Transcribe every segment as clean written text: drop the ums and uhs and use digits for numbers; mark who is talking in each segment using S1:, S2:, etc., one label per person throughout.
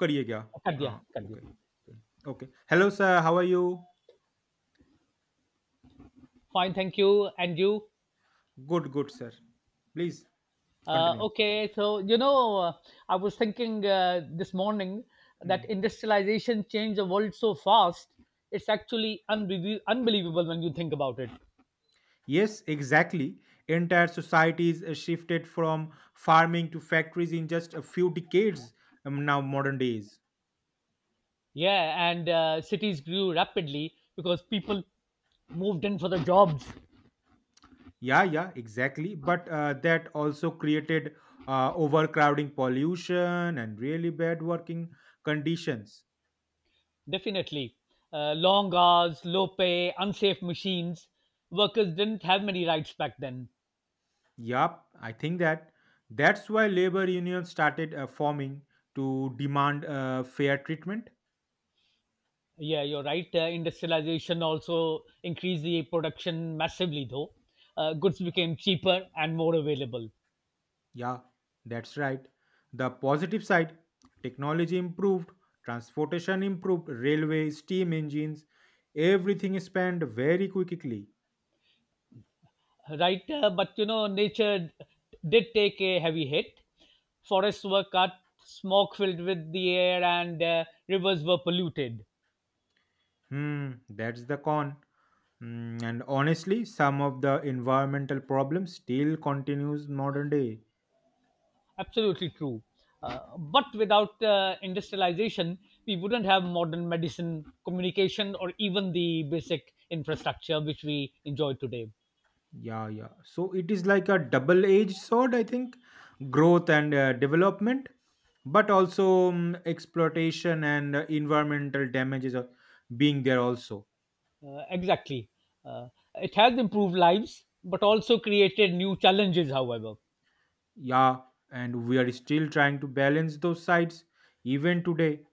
S1: करिए क्या हाँ।
S2: कर
S1: ओके।
S2: दिया
S1: okay. Hello sir, how are you?
S2: Fine, thank you. And you?
S1: Good good sir. Please continue.
S2: Okay, so you know uh, I was thinking this morning
S1: Hmm.
S2: that industrialization changed the world so fast. It's actually unbelievable when you think about it.
S1: Yes, exactly. Entire societies shifted from farming to factories in just a few decades. Now, modern days.
S2: Yeah, and cities grew rapidly because people moved in for the jobs.
S1: Yeah, yeah, exactly. But that also created overcrowding, pollution, and really bad working conditions.
S2: Definitely. Long hours, low pay, unsafe machines. Workers didn't have many rights back then.
S1: Yup, I think that that's why labor unions started forming to demand fair treatment.
S2: Yeah, you're right. Industrialization also increased the production massively, though. Goods became cheaper and more available,
S1: Yeah, that's right. The positive side, technology improved, transportation improved, railway, steam engines, everything is spanned very quickly.
S2: right? But nature did take a heavy hit. Forests were cut, smoke filled with the air, and rivers were polluted.
S1: Hmm, that's the con. Hmm, and honestly, some of the environmental problems still continues modern day.
S2: Absolutely true. But without industrialization, we wouldn't have modern medicine, communication, or even the basic infrastructure which we enjoy today.
S1: Yeah, yeah. So it is like a double-edged sword, I think. Growth and development, but also exploitation and environmental damages are being there also.
S2: Exactly. Uh, it has improved lives, but also created new challenges, however.
S1: Yeah, and we are still trying to balance those sides even today.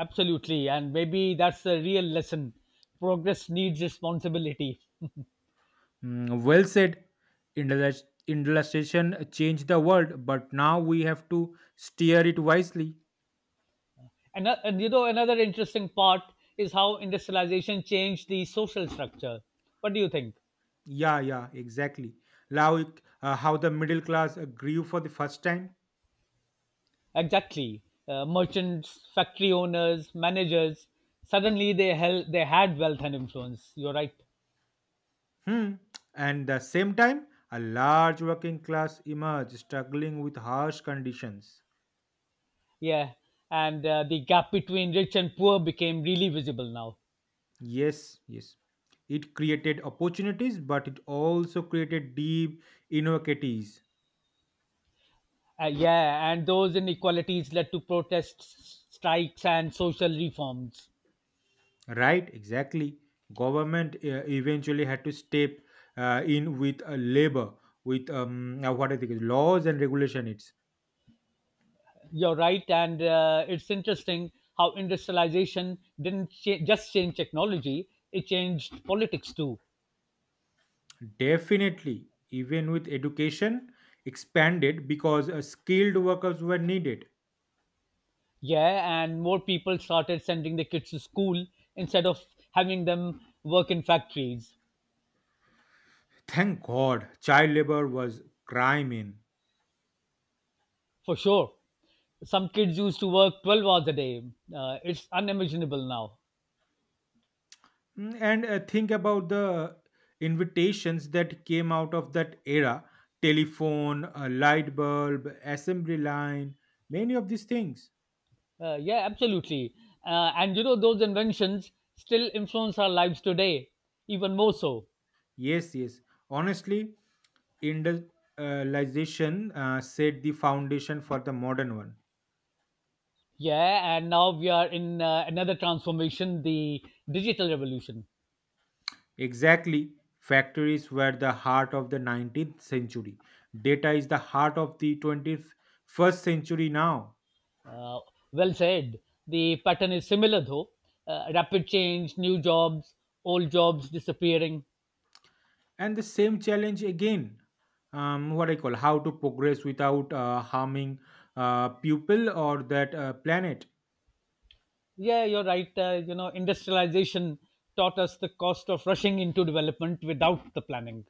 S2: Absolutely. And maybe that's the real lesson. Progress needs responsibility.
S1: Mm, well said. Industri- Industrialization changed the world, but now we have to steer it wisely.
S2: And another interesting part is how industrialization changed the social structure. What do you think?
S1: Yeah, yeah, exactly. Like how the middle class grew for the first time.
S2: Exactly. Merchants, factory owners, managers, suddenly they had wealth and influence. You're right.
S1: Hmm. And the same time, a large working class emerged struggling with harsh conditions.
S2: Yeah. And the gap between rich and poor became really visible now.
S1: Yes, yes. It created opportunities, but it also created deep inequities.
S2: Yeah, and those inequalities led to protests, strikes, and social reforms.
S1: Right, exactly. Government eventually had to step in with labor, with what I think is laws and regulation. It's
S2: You're right, and it's interesting how industrialization didn't just change technology, it changed politics too.
S1: definitely even with education expanded because skilled workers were needed.
S2: Yeah, and more people started sending their kids to school instead of having them work in factories.
S1: Thank god child labor was crime in.
S2: For sure. Some kids used to work 12 hours a day. It's unimaginable now.
S1: Mm, and think about the invitations that came out of that era, telephone, a light bulb, assembly line, many of these things.
S2: Yeah, absolutely. And those inventions still influence our lives today, even more so.
S1: Yes, yes, honestly, industrialization set the foundation for the modern one.
S2: Yeah, and now we are in another transformation, the digital revolution.
S1: Exactly. Factories were the heart of the 19th century, data is the heart of the 21st century now.
S2: Uh, well said. The pattern is similar, though rapid change, new jobs, old jobs disappearing.
S1: And the same challenge again. What I call, how to progress without harming pupil or that planet.
S2: Yeah, you're right. Industrialization taught us the cost of rushing into development without the planning.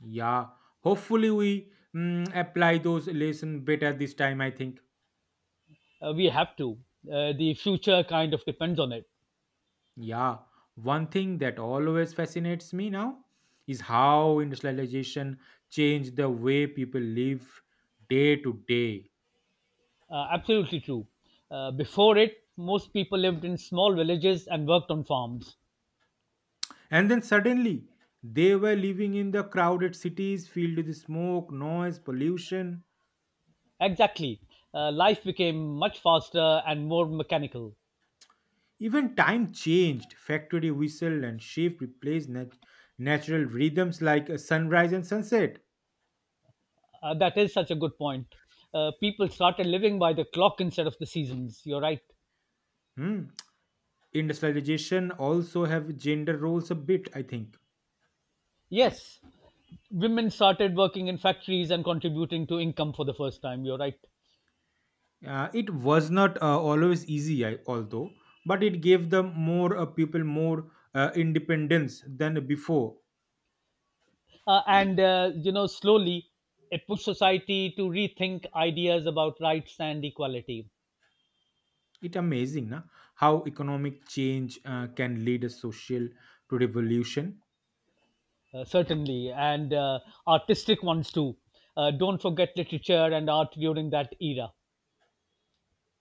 S1: Yeah, hopefully we apply those lesson better this time, I think.
S2: We have to. The future kind of depends on it.
S1: Yeah, one thing that always fascinates me now is how industrialization changed the way people live day to day.
S2: Absolutely true. Before it, most people lived in small villages and worked on farms.
S1: And then suddenly they were living in the crowded cities filled with smoke, noise, pollution.
S2: Exactly. Life became much faster and more mechanical.
S1: Even time changed. Factory whistle and shift replaced natural rhythms like a sunrise and sunset.
S2: That is such a good point. People started living by the clock instead of the seasons. You're right.
S1: Hmm. Industrialization also have gender roles a bit, I think.
S2: Yes, women started working in factories and contributing to income for the first time. You're right.
S1: It was not always easy, I, although, but it gave them more people more independence than before.
S2: And slowly it pushed society to rethink ideas about rights and equality.
S1: It amazing, na? How economic change can lead a social to revolution.
S2: Certainly, and artistic ones too. Don't forget literature and art during that era.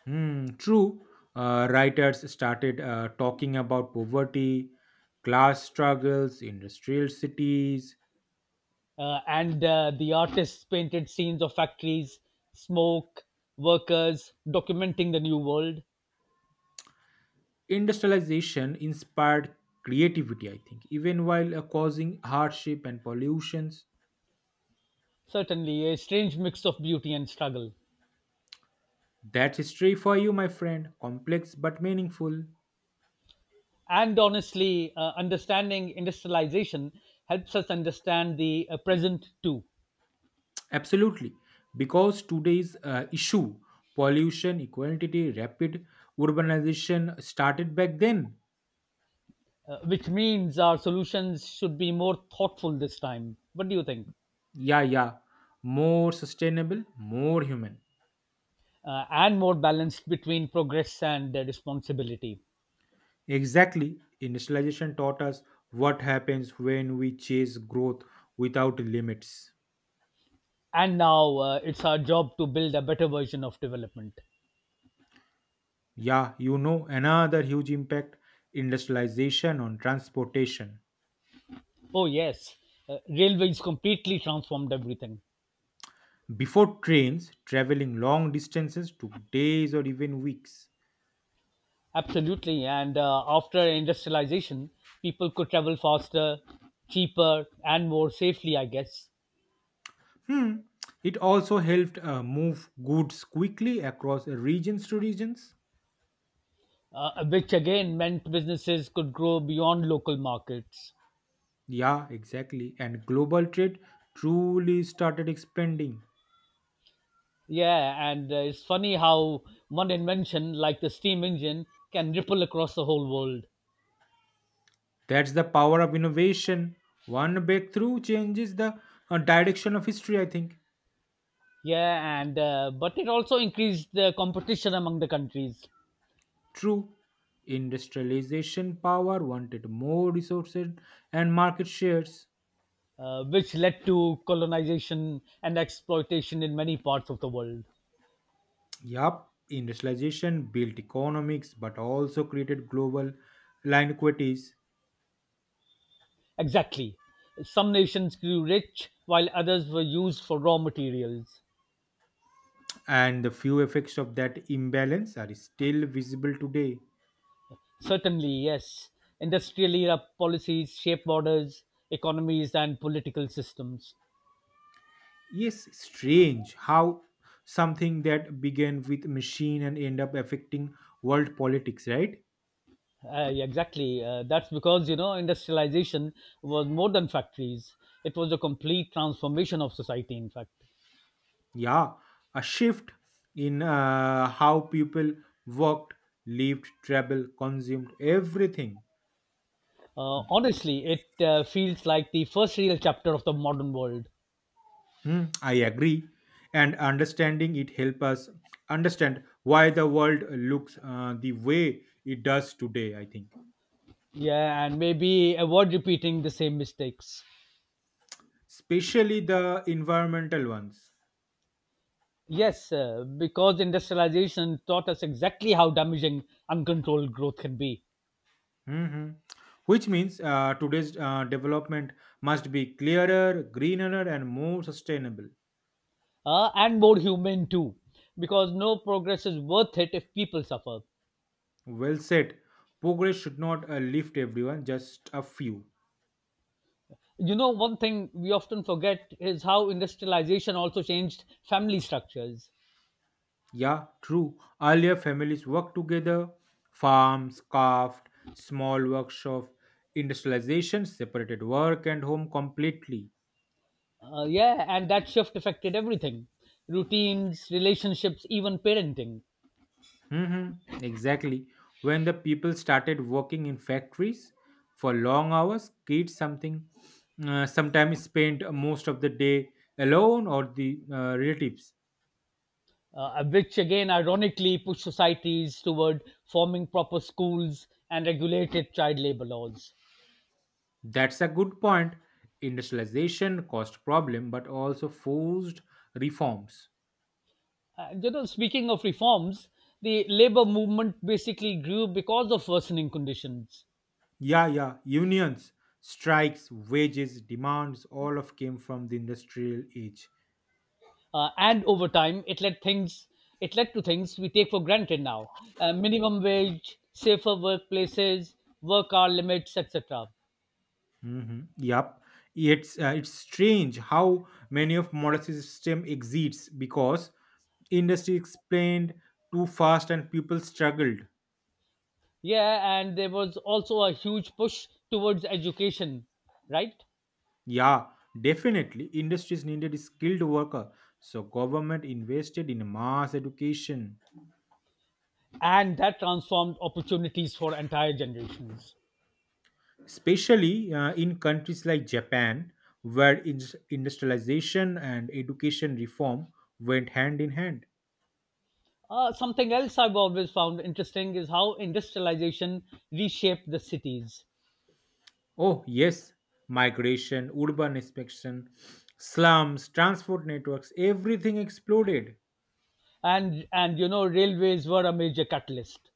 S1: Hmm, true. Writers started talking about poverty, class struggles, industrial cities.
S2: And the artists painted scenes of factories, smoke, workers, documenting the new world.
S1: Industrialization inspired creativity, I think, even while causing hardship and pollutions.
S2: Certainly, a strange mix of beauty and struggle.
S1: That's history for you, my friend. Complex but meaningful.
S2: And honestly, understanding industrialization helps us understand the present too,
S1: Absolutely. Because today's issue, pollution, equality, rapid urbanization started back then.
S2: which means our solutions should be more thoughtful this time. What do you think?
S1: Yeah, yeah. More sustainable, more human.
S2: And more balanced between progress and responsibility.
S1: Exactly, industrialization taught us what happens when we chase growth without limits.
S2: And now it's our job to build a better version of development.
S1: Yeah, another huge impact, industrialization on transportation.
S2: Oh, yes, railways completely transformed everything.
S1: Before trains, traveling long distances took days or even weeks.
S2: Absolutely. And after industrialization, people could travel faster, cheaper, and more safely, I guess.
S1: Hmm. It also helped move goods quickly across regions to regions.
S2: Which again meant businesses could grow beyond local markets.
S1: Yeah, exactly. And global trade truly started expanding.
S2: Yeah, and it's funny how one invention, like the steam engine, can ripple across the whole world.
S1: That's the power of innovation. One breakthrough changes the direction of history, I think.
S2: Yeah, and but it also increased the competition among the countries,
S1: True. Industrialization power wanted more resources and market shares.
S2: which led to colonization and exploitation in many parts of the world.
S1: Yup, industrialization built economics but also created global inequities,
S2: Exactly. Some nations grew rich while others were used for raw materials.
S1: and the few effects of that imbalance are still visible today.
S2: Certainly, yes. Industrial era policies shape borders, economies, and political systems.
S1: Yes, strange how something that began with machine and end up affecting world politics, right?
S2: Yeah, exactly. That's because, industrialization was more than factories, it was a complete transformation of society, in fact.
S1: Yeah, a shift in how people worked, lived, traveled, consumed everything.
S2: Honestly, it feels like the first real chapter of the modern world.
S1: Hmm, I agree. And understanding it help us understand why the world looks the way it does today, I think,
S2: Yeah, and maybe avoid repeating the same mistakes.
S1: especially the environmental ones.
S2: Yes, because industrialization taught us exactly how damaging uncontrolled growth can be,
S1: Mhm. Which means today's development must be clearer, greener, and more sustainable.
S2: and more human too, because no progress is worth it if people suffer.
S1: Well said. Progress should not lift everyone, just a few.
S2: One thing we often forget is how industrialization also changed family structures.
S1: Yeah, true. Earlier families worked together, farms, craft, small workshop, industrialization separated work and home completely.
S2: Yeah, and that shift affected everything: routines, relationships, even parenting.
S1: Hmm. Exactly. When the people started working in factories for long hours, kids something sometimes spent most of the day alone or the relatives.
S2: Which again ironically push societies toward forming proper schools and regulated child labor laws.
S1: That's a good point. Industrialization caused problem, but also forced reforms.
S2: And speaking of reforms, the labor movement basically grew because of worsening conditions,
S1: Yeah, yeah. Unions, strikes, wages, demands, all of came from the industrial age.
S2: and over time, it led to things we take for granted now: minimum wage, safer workplaces, work hour limits, etc.
S1: Hmm. Yep. It's strange how many of modern system exits because industry explained too fast and people struggled.
S2: Yeah, and there was also a huge push towards education, right?
S1: Yeah, definitely. Industries needed skilled worker, so government invested in mass education.
S2: And that transformed opportunities for entire generations.
S1: Especially in countries like Japan, where industrialization and education reform went hand in hand.
S2: Something else I've always found interesting is how industrialization reshaped the cities,
S1: Oh, yes, migration, urban expansion, slums, transport networks, everything exploded.
S2: and railways were a major catalyst,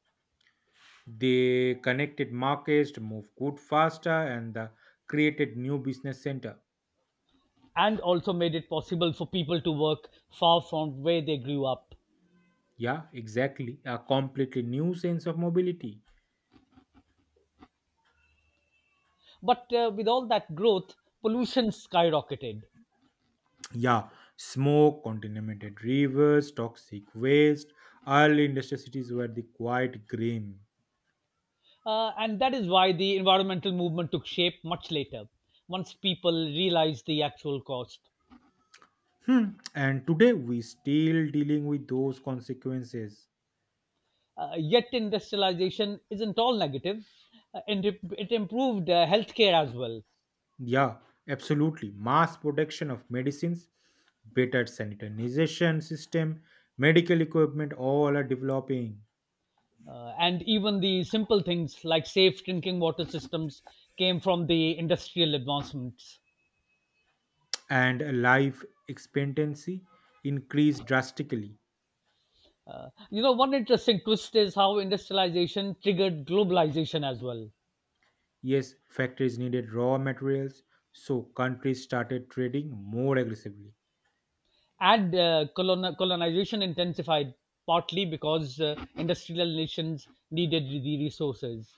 S1: They connected markets to move good faster and created new business center.
S2: and also made it possible for people to work far from where they grew up.
S1: Yeah, exactly. A completely new sense of mobility.
S2: But with all that growth, pollution skyrocketed,
S1: Yeah, smoke, contaminated rivers, toxic waste. Early industrial cities were the quiet grim.
S2: and that is why the environmental movement took shape much later, once people realized the actual cost.
S1: Hmm. And today we still dealing with those consequences.
S2: Yet industrialization isn't all negative. And it improved healthcare as well.
S1: Yeah, absolutely. Mass production of medicines, better sanitization system, medical equipment, all are developing,
S2: And even the simple things like safe drinking water systems came from the industrial advancements.
S1: and life expectancy increased drastically.
S2: One interesting twist is how industrialization triggered globalization as well.
S1: Yes, factories needed raw materials, so countries started trading more aggressively.
S2: And colonization intensified partly because industrial nations needed the resources.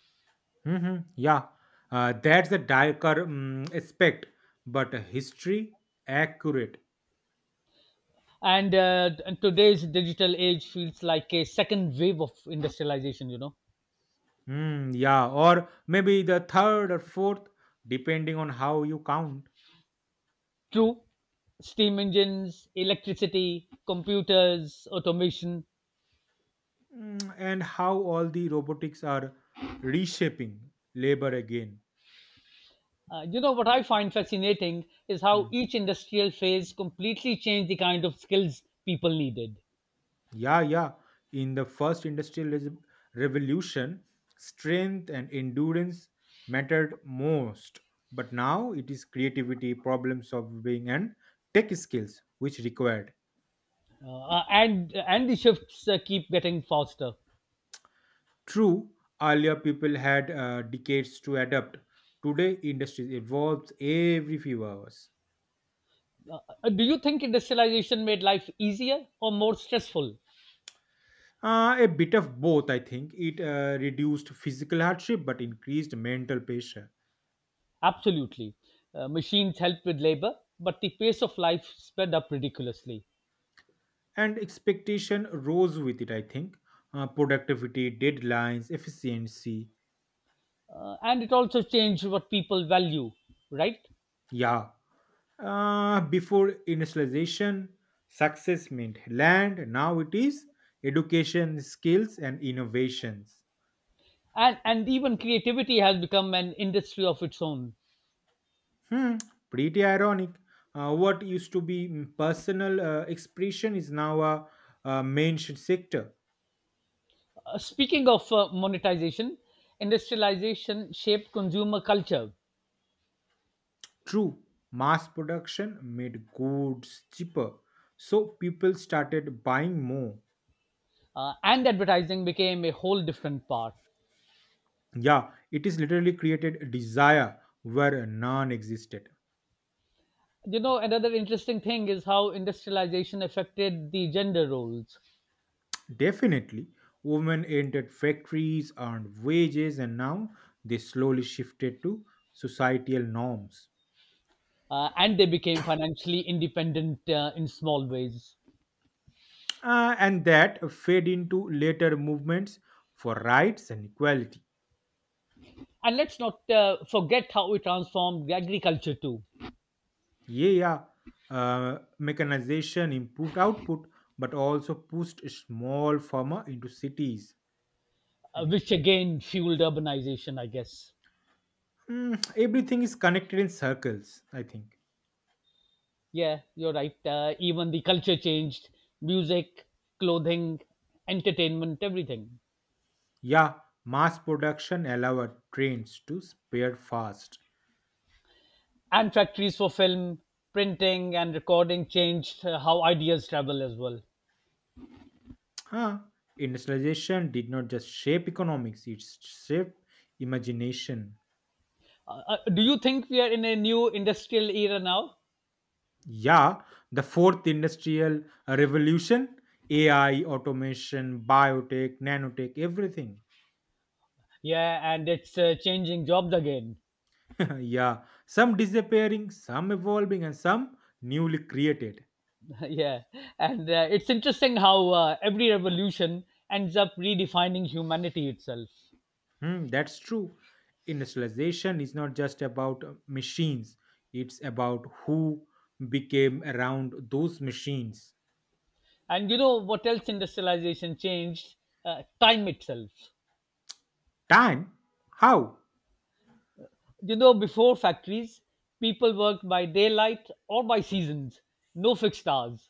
S1: Hmm. Yeah, that's a darker aspect, but history accurate.
S2: And today's digital age feels like a second wave of industrialization.
S1: Mm, yeah, or maybe the third or fourth, depending on how you count.
S2: True. Steam engines, electricity, computers, automation.
S1: And how all the robotics are reshaping labor again.
S2: You know what I find fascinating is how
S1: Hmm.
S2: each industrial phase completely changed the kind of skills people needed.
S1: Yeah, yeah. In the first industrial revolution, strength and endurance mattered most. But now it is creativity, problem solving, and tech skills which required.
S2: And the shifts keep getting faster.
S1: True, earlier people had decades to adapt. Today, industry evolves every few hours.
S2: uh, do you think industrialization made life easier or more stressful?
S1: A bit of both, I think. It reduced physical hardship but increased mental pressure.
S2: Absolutely. Machines helped with labor, but the pace of life sped up ridiculously.
S1: And expectation rose with it, I think. Uh, productivity, deadlines, efficiency.
S2: And it also changed what people value, right?
S1: Yeah, before industrialization success meant land, now it is education, skills, and innovations.
S2: And even creativity has become an industry of its own.
S1: Hmm, pretty ironic. Uh, what used to be personal expression is now a sector.
S2: Speaking of monetization, industrialization shaped consumer culture,
S1: True, mass production made goods cheaper, so people started buying more.
S2: and advertising became a whole different part.
S1: Yeah, it is literally created desire where none existed.
S2: Another interesting thing is how industrialization affected the gender roles,
S1: Definitely, women entered factories, earned wages, and now they slowly shifted to societal norms.
S2: and they became financially independent in small ways.
S1: And that fed into later movements for rights and equality.
S2: And let's not forget how it transformed agriculture too,
S1: Yeah, yeah. Mechanization improved output, but also pushed small farmer into cities. I think.
S2: which again fueled urbanization, I guess.
S1: Mm, everything is connected in circles. I think.
S2: Yeah, you're right. Even the culture changed: music, clothing, entertainment, everything.
S1: Yeah, mass production allowed trains to spare fast.
S2: And factories for film, printing, and recording changed how ideas travel as well.
S1: Huh. Industrialization did not just shape economics, it shaped imagination.
S2: Do you think we are in a new industrial era now?
S1: Yeah, the fourth industrial revolution, AI, automation, biotech, nanotech, everything.
S2: Yeah, and it's changing jobs again.
S1: Yeah, some disappearing, some evolving, and some newly created.
S2: Yeah, and it's interesting how every revolution ends up redefining humanity itself.
S1: Hmm, that's true. Industrialization is not just about machines, it's about who became around those machines.
S2: And you know what else industrialization changed, time itself.
S1: Time? How?
S2: Before factories, people worked by daylight or by seasons, no fixed hours.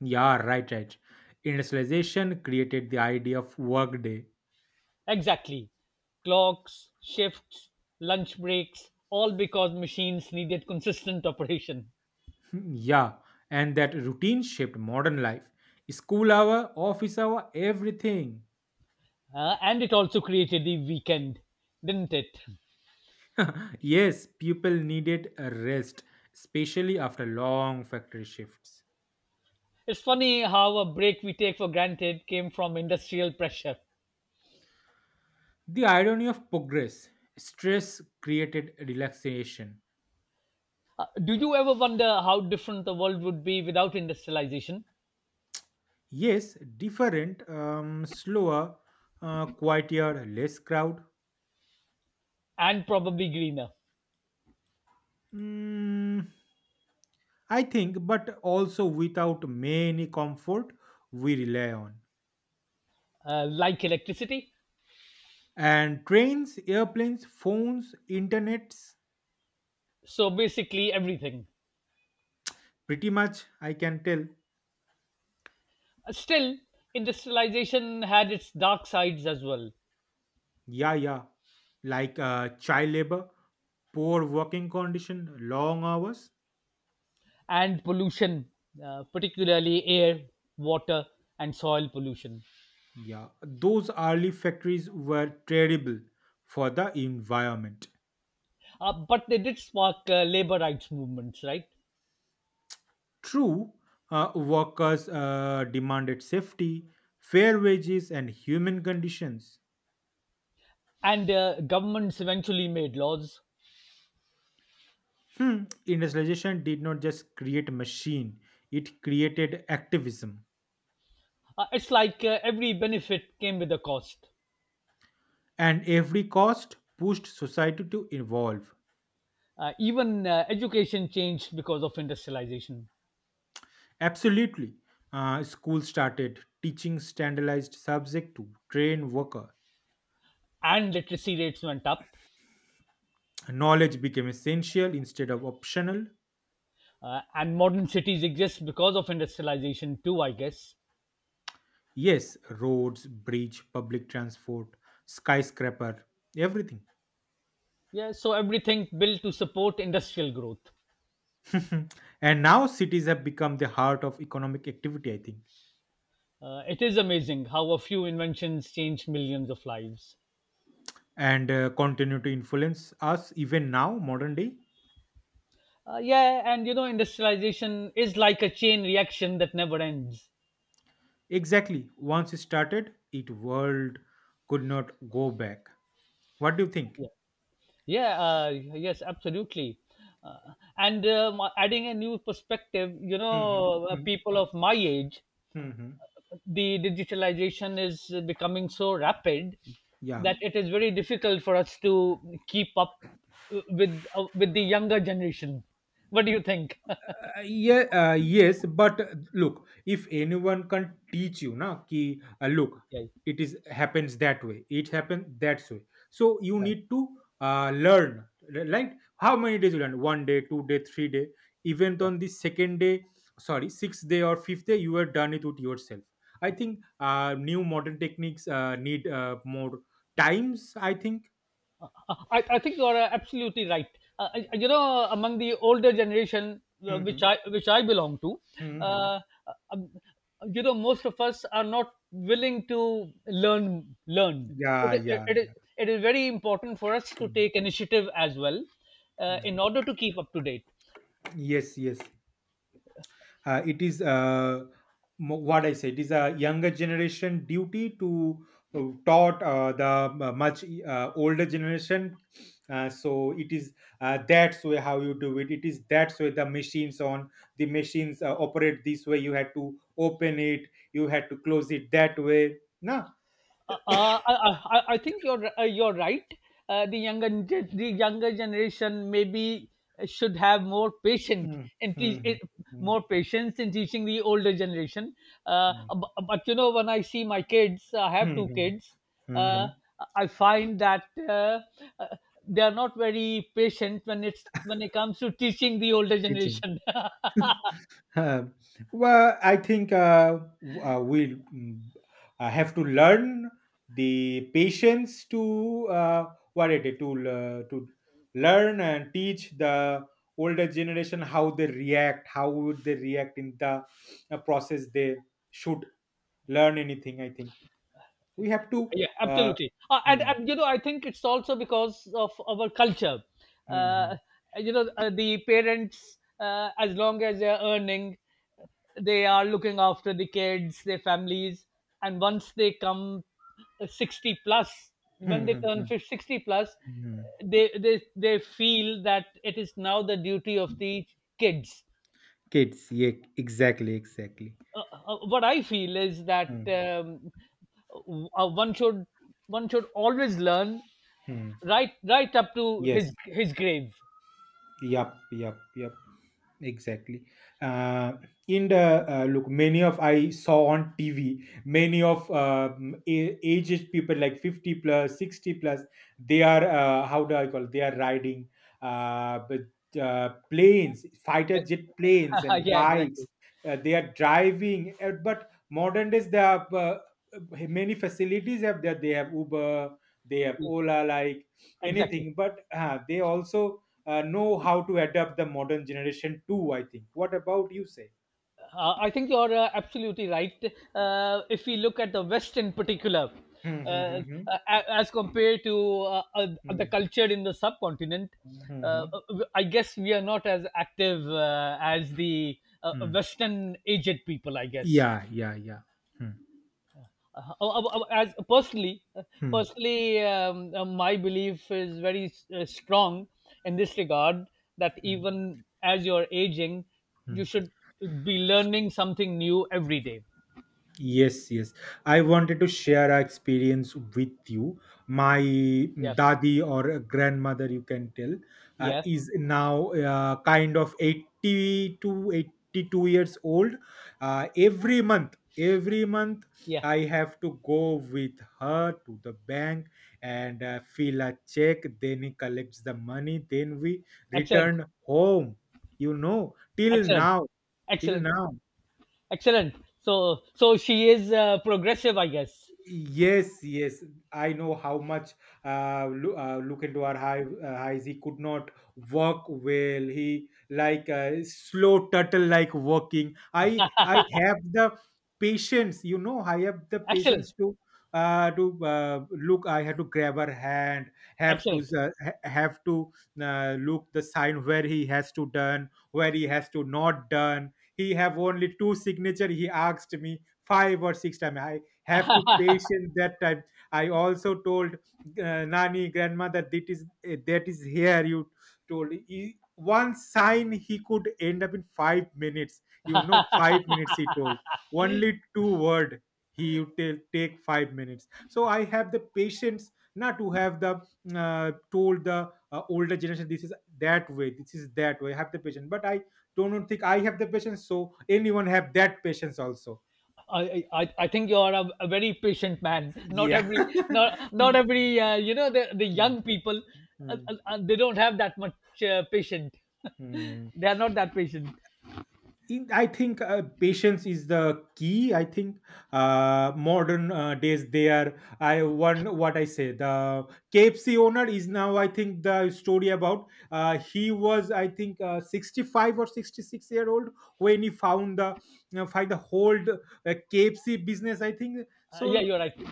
S1: Yeah, right, right. Industrialization created the idea of workday.
S2: Exactly. Clocks, shifts, lunch breaks, all because machines needed consistent operation.
S1: Hmm, yeah, and that routine shaped modern life. School hour, office hour, everything.
S2: And it also created the weekend, didn't it?
S1: Yes, people needed a rest, especially after long factory shifts.
S2: It's funny how a break we take for granted came from industrial pressure.
S1: The irony of progress, stress created relaxation.
S2: Do you ever wonder how different the world would be without industrialization?
S1: Yes, different, slower, quieter, less crowd.
S2: And probably greener.
S1: Mm, I think, but also without many comfort we rely on.
S2: Like electricity?
S1: And trains, airplanes, phones, internets,
S2: So basically, everything.
S1: pretty much I can tell.
S2: Still, industrialization had its dark sides as well,
S1: Yeah, yeah. Like child labor, poor working condition, long hours.
S2: and pollution, particularly air, water, and soil pollution.
S1: Yeah, those early factories were terrible for the environment.
S2: But they did spark labor rights movements, right?
S1: True, workers demanded safety, fair wages, and human conditions.
S2: And governments eventually made laws.
S1: Hmm, industrialization did not just create a machine, it created activism.
S2: It's like every benefit came with a cost.
S1: And every cost pushed society to evolve.
S2: Even education changed because of industrialization,
S1: Absolutely. Schools started teaching standardized subject to train worker.
S2: and literacy rates went up.
S1: Knowledge became essential instead of optional.
S2: And modern cities exist because of industrialization too, I guess.
S1: Yes, roads, bridge, public transport, skyscraper, everything.
S2: Yeah, so everything built to support industrial growth.
S1: And now cities have become the heart of economic activity, I think,
S2: It is amazing how a few inventions changed millions of lives.
S1: and continue to influence us even now, modern day.
S2: Yeah, and industrialization is like a chain reaction that never ends.
S1: Exactly. Once it started, it world could not go back. What do you think?
S2: Yeah. Yeah, yes, absolutely. Uh, and adding a new perspective,
S1: Hmm.
S2: people of my age,
S1: Hmm.
S2: the digitalization is becoming so rapid
S1: Yeah.
S2: that it is very difficult for us to keep up with the younger generation. What do you think?
S1: Yeah, yes, but look, if anyone can teach you, na, ki look,
S2: Yeah,
S1: it is happens that way, it happens that way. So you
S2: yeah,
S1: need to learn, right? How many days you learn? One day, two day, three day. Even
S2: yeah.
S1: on the second day, sorry, sixth day or fifth day, you are done it with yourself. I think new modern techniques need more times. I think.
S2: I think you are absolutely right. Among the older generation,
S1: Hmm.
S2: which I belong to,
S1: Hmm.
S2: uh, um, most of us are not willing to learn. Learn.
S1: Yeah,
S2: It, it,
S1: yeah,
S2: it, is,
S1: yeah.
S2: it is very important for us to
S1: Mm,
S2: take initiative as well,
S1: mm.
S2: in order to keep up to date.
S1: Yes, yes. Uh, it is what I say. It is a younger generation duty to taught the much older generation. So it is that's way how you do it. It is that's way the machines on the machines operate this way. You had to open it. You had to close it that way. No.
S2: Uh, uh, I, I think you're right. The the younger generation maybe should have more patient
S1: Mm,
S2: and teach
S1: mm, mm,
S2: more patience in teaching the older generation. Uh,
S1: mm, mm,
S2: but, but you know, when I see my kids, I have
S1: mm,
S2: two
S1: mm,
S2: kids. Uh,
S1: mm.
S2: I find that uh, they are not very patient when it comes to teaching the older
S1: Teaching.
S2: generation.
S1: Uh, well, I think we'll have to learn the patience to what it is, to learn and teach the older generation how they react, how would they react in the process. They should learn anything. I think we have to.
S2: Yeah,
S1: Uh,
S2: absolutely. uh, and,
S1: hmm,
S2: and you know I think it's also because of our culture.
S1: hmm, hmm, hmm,
S2: Uh, you know uh, the parents, as long as they're earning, they are looking after the kids, their families, and once they come 60 plus,
S1: hmm,
S2: when they
S1: hmm,
S2: turn
S1: hmm.
S2: 50 60 plus,
S1: Hmm.
S2: they feel that it is now the duty of the kids.
S1: Kids, yeah, exactly, exactly.
S2: What I feel is that
S1: Hmm,
S2: um, uh, one should one should always learn,
S1: hmm.
S2: right up to
S1: Yes,
S2: his grave.
S1: yep, yep, yep. Exactly. Uh, and look, many of I saw on TV, many of aged people like 50 plus, 60 plus, they
S2: Yeah.
S1: are, how do I call it? They are riding but, planes, fighter jet planes and
S2: Yeah,
S1: bikes.
S2: exactly.
S1: They are driving. But modern days, they have many facilities have that. They have Uber, they have
S2: Yeah,
S1: Ola, like
S2: exactly.
S1: anything. But they also know how to adapt the modern generation too. I think, what about you say?
S2: I think you're absolutely right. If we look at the West in particular,
S1: Hmm, hmm,
S2: uh,
S1: hmm, hmm.
S2: as compared to uh, uh, the
S1: Hmm,
S2: culture in the subcontinent,
S1: hmm, hmm,
S2: uh,
S1: hmm.
S2: I guess we are not as active as the
S1: Hmm.
S2: Western aged people, I guess.
S1: Yeah, yeah, yeah. Hmm,
S2: Uh, uh, uh, as personally, uh,
S1: hmm,
S2: Personally, my belief is very strong in this regard, that
S1: hmm,
S2: even as you're aging,
S1: hmm.
S2: you should be learning something new every day.
S1: Yes, yes. I wanted to share our experience with you. My
S2: Yeah,
S1: dadi or grandmother, you can tell,
S2: yeah,
S1: is now kind of 80 to 82 years old. Every month, every month,
S2: yeah.
S1: I have to go with her to the bank and fill a check. Then he collects the money. Then we
S2: Excellent,
S1: return home. You know, till
S2: excellent,
S1: now, till
S2: excellent,
S1: now.
S2: excellent. So she is progressive, I guess.
S1: Yes, yes, I know how much look, look into our high, highs. He could not work well. He like slow turtle like walking. I have the patience. You know, I have the
S2: Excellent,
S1: patience to look. I had to grab her hand. Have to
S2: excellent.
S1: have to look the sign where he has to done, where he has to not done. He have only two signature. He asked me five or six times, have to patient that time. I also told nani grandmother that is that is here. You told he, one sign he could end up in 5 minutes, you know, five minutes he told only two word. He you tell take 5 minutes, so I have the patience not to have the told the older generation this is that way, this is that way. I have the patience, but I don't think I have the patience, so anyone have that patience also?
S2: I think you are a very patient man. Not
S1: Yeah.
S2: every not not every the
S1: 嗯
S2: young people,
S1: 嗯
S2: they don't have that much patient.
S1: 嗯。
S2: They are not that patient.
S1: I think patience is the key. I think modern days they are. I one what I say. The KFC owner is now. I think the story about he was, I think 65 or 66 year old when he found the, you know, find the whole KFC business, I think so.
S2: Yeah, you're right.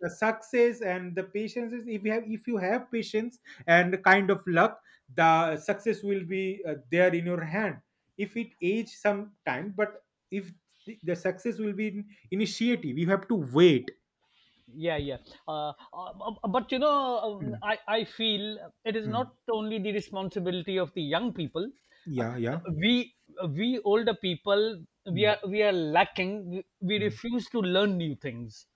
S1: The success and the patience is, if you have, if you have patience and kind of luck, the success will be there in your hand. If it age some time but if the success will be in initiative, you have to wait.
S2: Yeah, yeah, but
S1: Mm,
S2: I feel it is
S1: mm.
S2: not only the responsibility of the young people. uh,
S1: Yeah,
S2: uh,
S1: yeah.
S2: we uh, we older people, we
S1: Mm,
S2: are we are lacking, we
S1: mm.
S2: refuse to learn new things.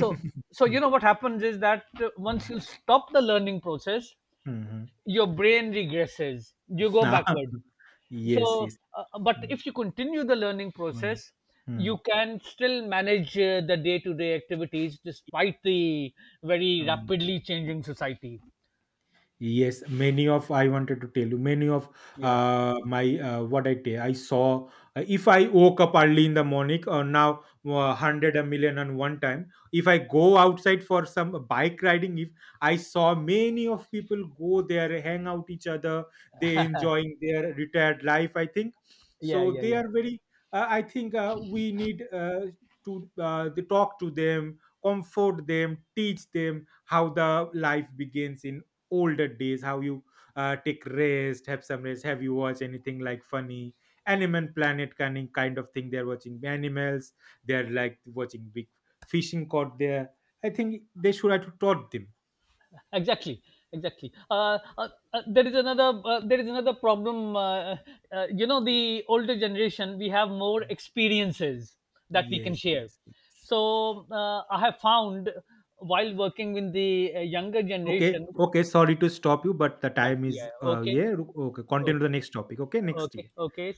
S2: so so you know what happens is that, once
S1: Mm,
S2: you stop the learning process,
S1: mm, mhm.
S2: your brain regresses, you go
S1: Ah,
S2: backward.
S1: yes,
S2: so
S1: yes.
S2: uh, uh, but
S1: Mm,
S2: if you continue the learning process, you
S1: mm,
S2: can still manage the day to day activities despite the very
S1: mm.
S2: rapidly changing society.
S1: Yes, many of I wanted to tell you, many of
S2: Yeah,
S1: my what I tell I saw, if I woke up early in the morning or now hundred a million on one time, if I go outside for some bike riding, if I saw many of people go there, hang out each other, they enjoying their retired life, I think,
S2: yeah,
S1: so
S2: yeah.
S1: they
S2: Yeah,
S1: are very I think we need to they talk to them, comfort them, teach them how the life begins in older days, how you take rest, have some rest. Have you watched anything like funny animal planet kind of thing? They're watching animals, they're like watching big fishing caught there. I think they should have taught them.
S2: exactly, exactly. There is another problem, the older generation, we have more experiences that we can
S1: Yes,
S2: share.
S1: yes, yes.
S2: So I have found, while working with the younger
S1: Okay,
S2: generation,
S1: okay, sorry to stop you, but the
S2: but
S1: time is
S2: yeah, okay,
S1: yeah, okay,
S2: okay.
S1: continue the next topic, okay, next
S2: Okay,
S1: year.
S2: okay.